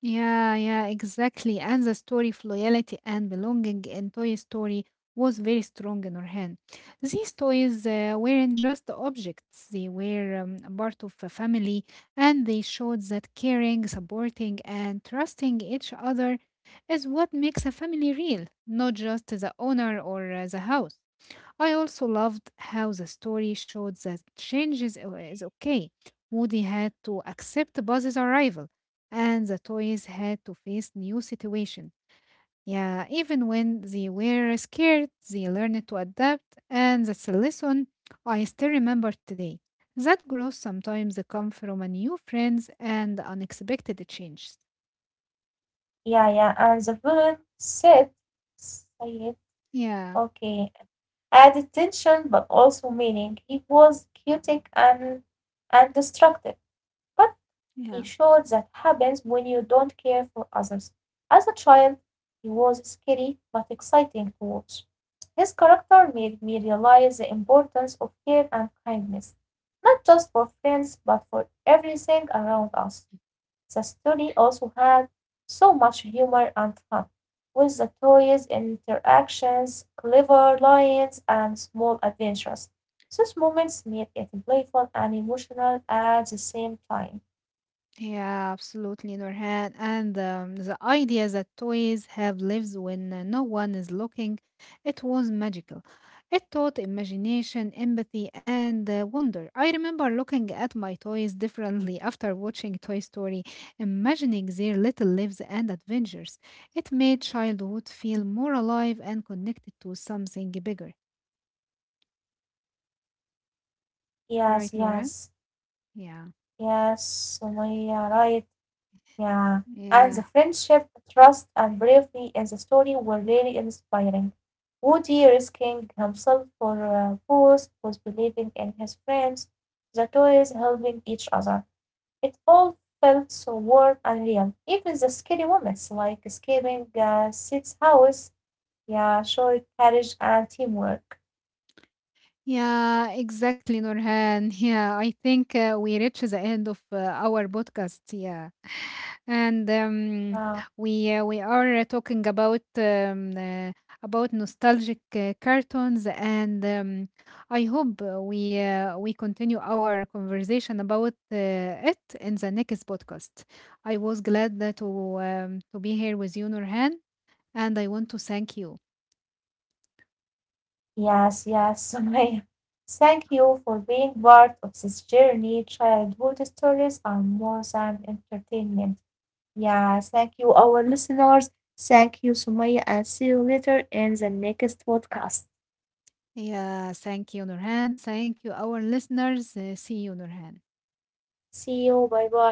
Yeah, yeah, exactly. And the story of loyalty and belonging in Toy Story was very strong in her hand. These toys weren't just objects, they were a part of a family, and they showed that caring, supporting, and trusting each other is what makes a family real, not just the owner or the house. I also loved how the story showed that is okay. Woody had to accept Buzz's arrival, and the toys had to face new situation. Yeah, even when they were scared, they learned to adapt, and that's a lesson I still remember today. That growth sometimes come from a new friends and unexpected changes.
Yeah, yeah, and the villain said,
Yeah,
okay. Added tension but also meaning. He was chaotic and destructive, but he
yeah.
showed that happens when you don't care for others. As a child, he was scary but exciting to watch. His character made me realize the importance of care and kindness, not just for friends but for everything around us. The story also had so much humor and fun, with the toys, interactions, clever lines, and small adventures. Those moments made it playful and emotional at the same time.
Yeah, absolutely, Nurhan. And The idea that toys have lives when no one is looking, it was magical. It taught imagination, empathy, and wonder. I remember looking at my toys differently after watching Toy Story, imagining their little lives and adventures. It made childhood feel more alive and connected to something bigger. Right,
Yes,
Nurhan?
yes,
Yeah.
yes, Sumaya, right. Yeah, and
Yeah.
the friendship, trust, and bravery in the story were really inspiring. Woody risking himself for Booth, was believing in his friends, the toys helping each other. It all felt so warm and real. Even the scary moments, like escaping Sid's house, yeah, showed courage and teamwork.
Yeah, exactly, Nurhan. Yeah, I think we reached the end of our podcast. Yeah, and
Wow.
we are talking about nostalgic cartoons, and I hope we continue our conversation about it in the next podcast. I was glad that to be here with you, Nurhan, and I want to thank you.
Yes, yes, [LAUGHS] Sumaya. Thank you for being part of this journey. Childhood stories are more than entertainment. Yeah, thank you, our listeners. Thank you, Sumaya, and see you later in the next podcast.
Yeah, thank you, Nurhan. Thank you, our listeners. See you, Nurhan.
See you. Bye bye.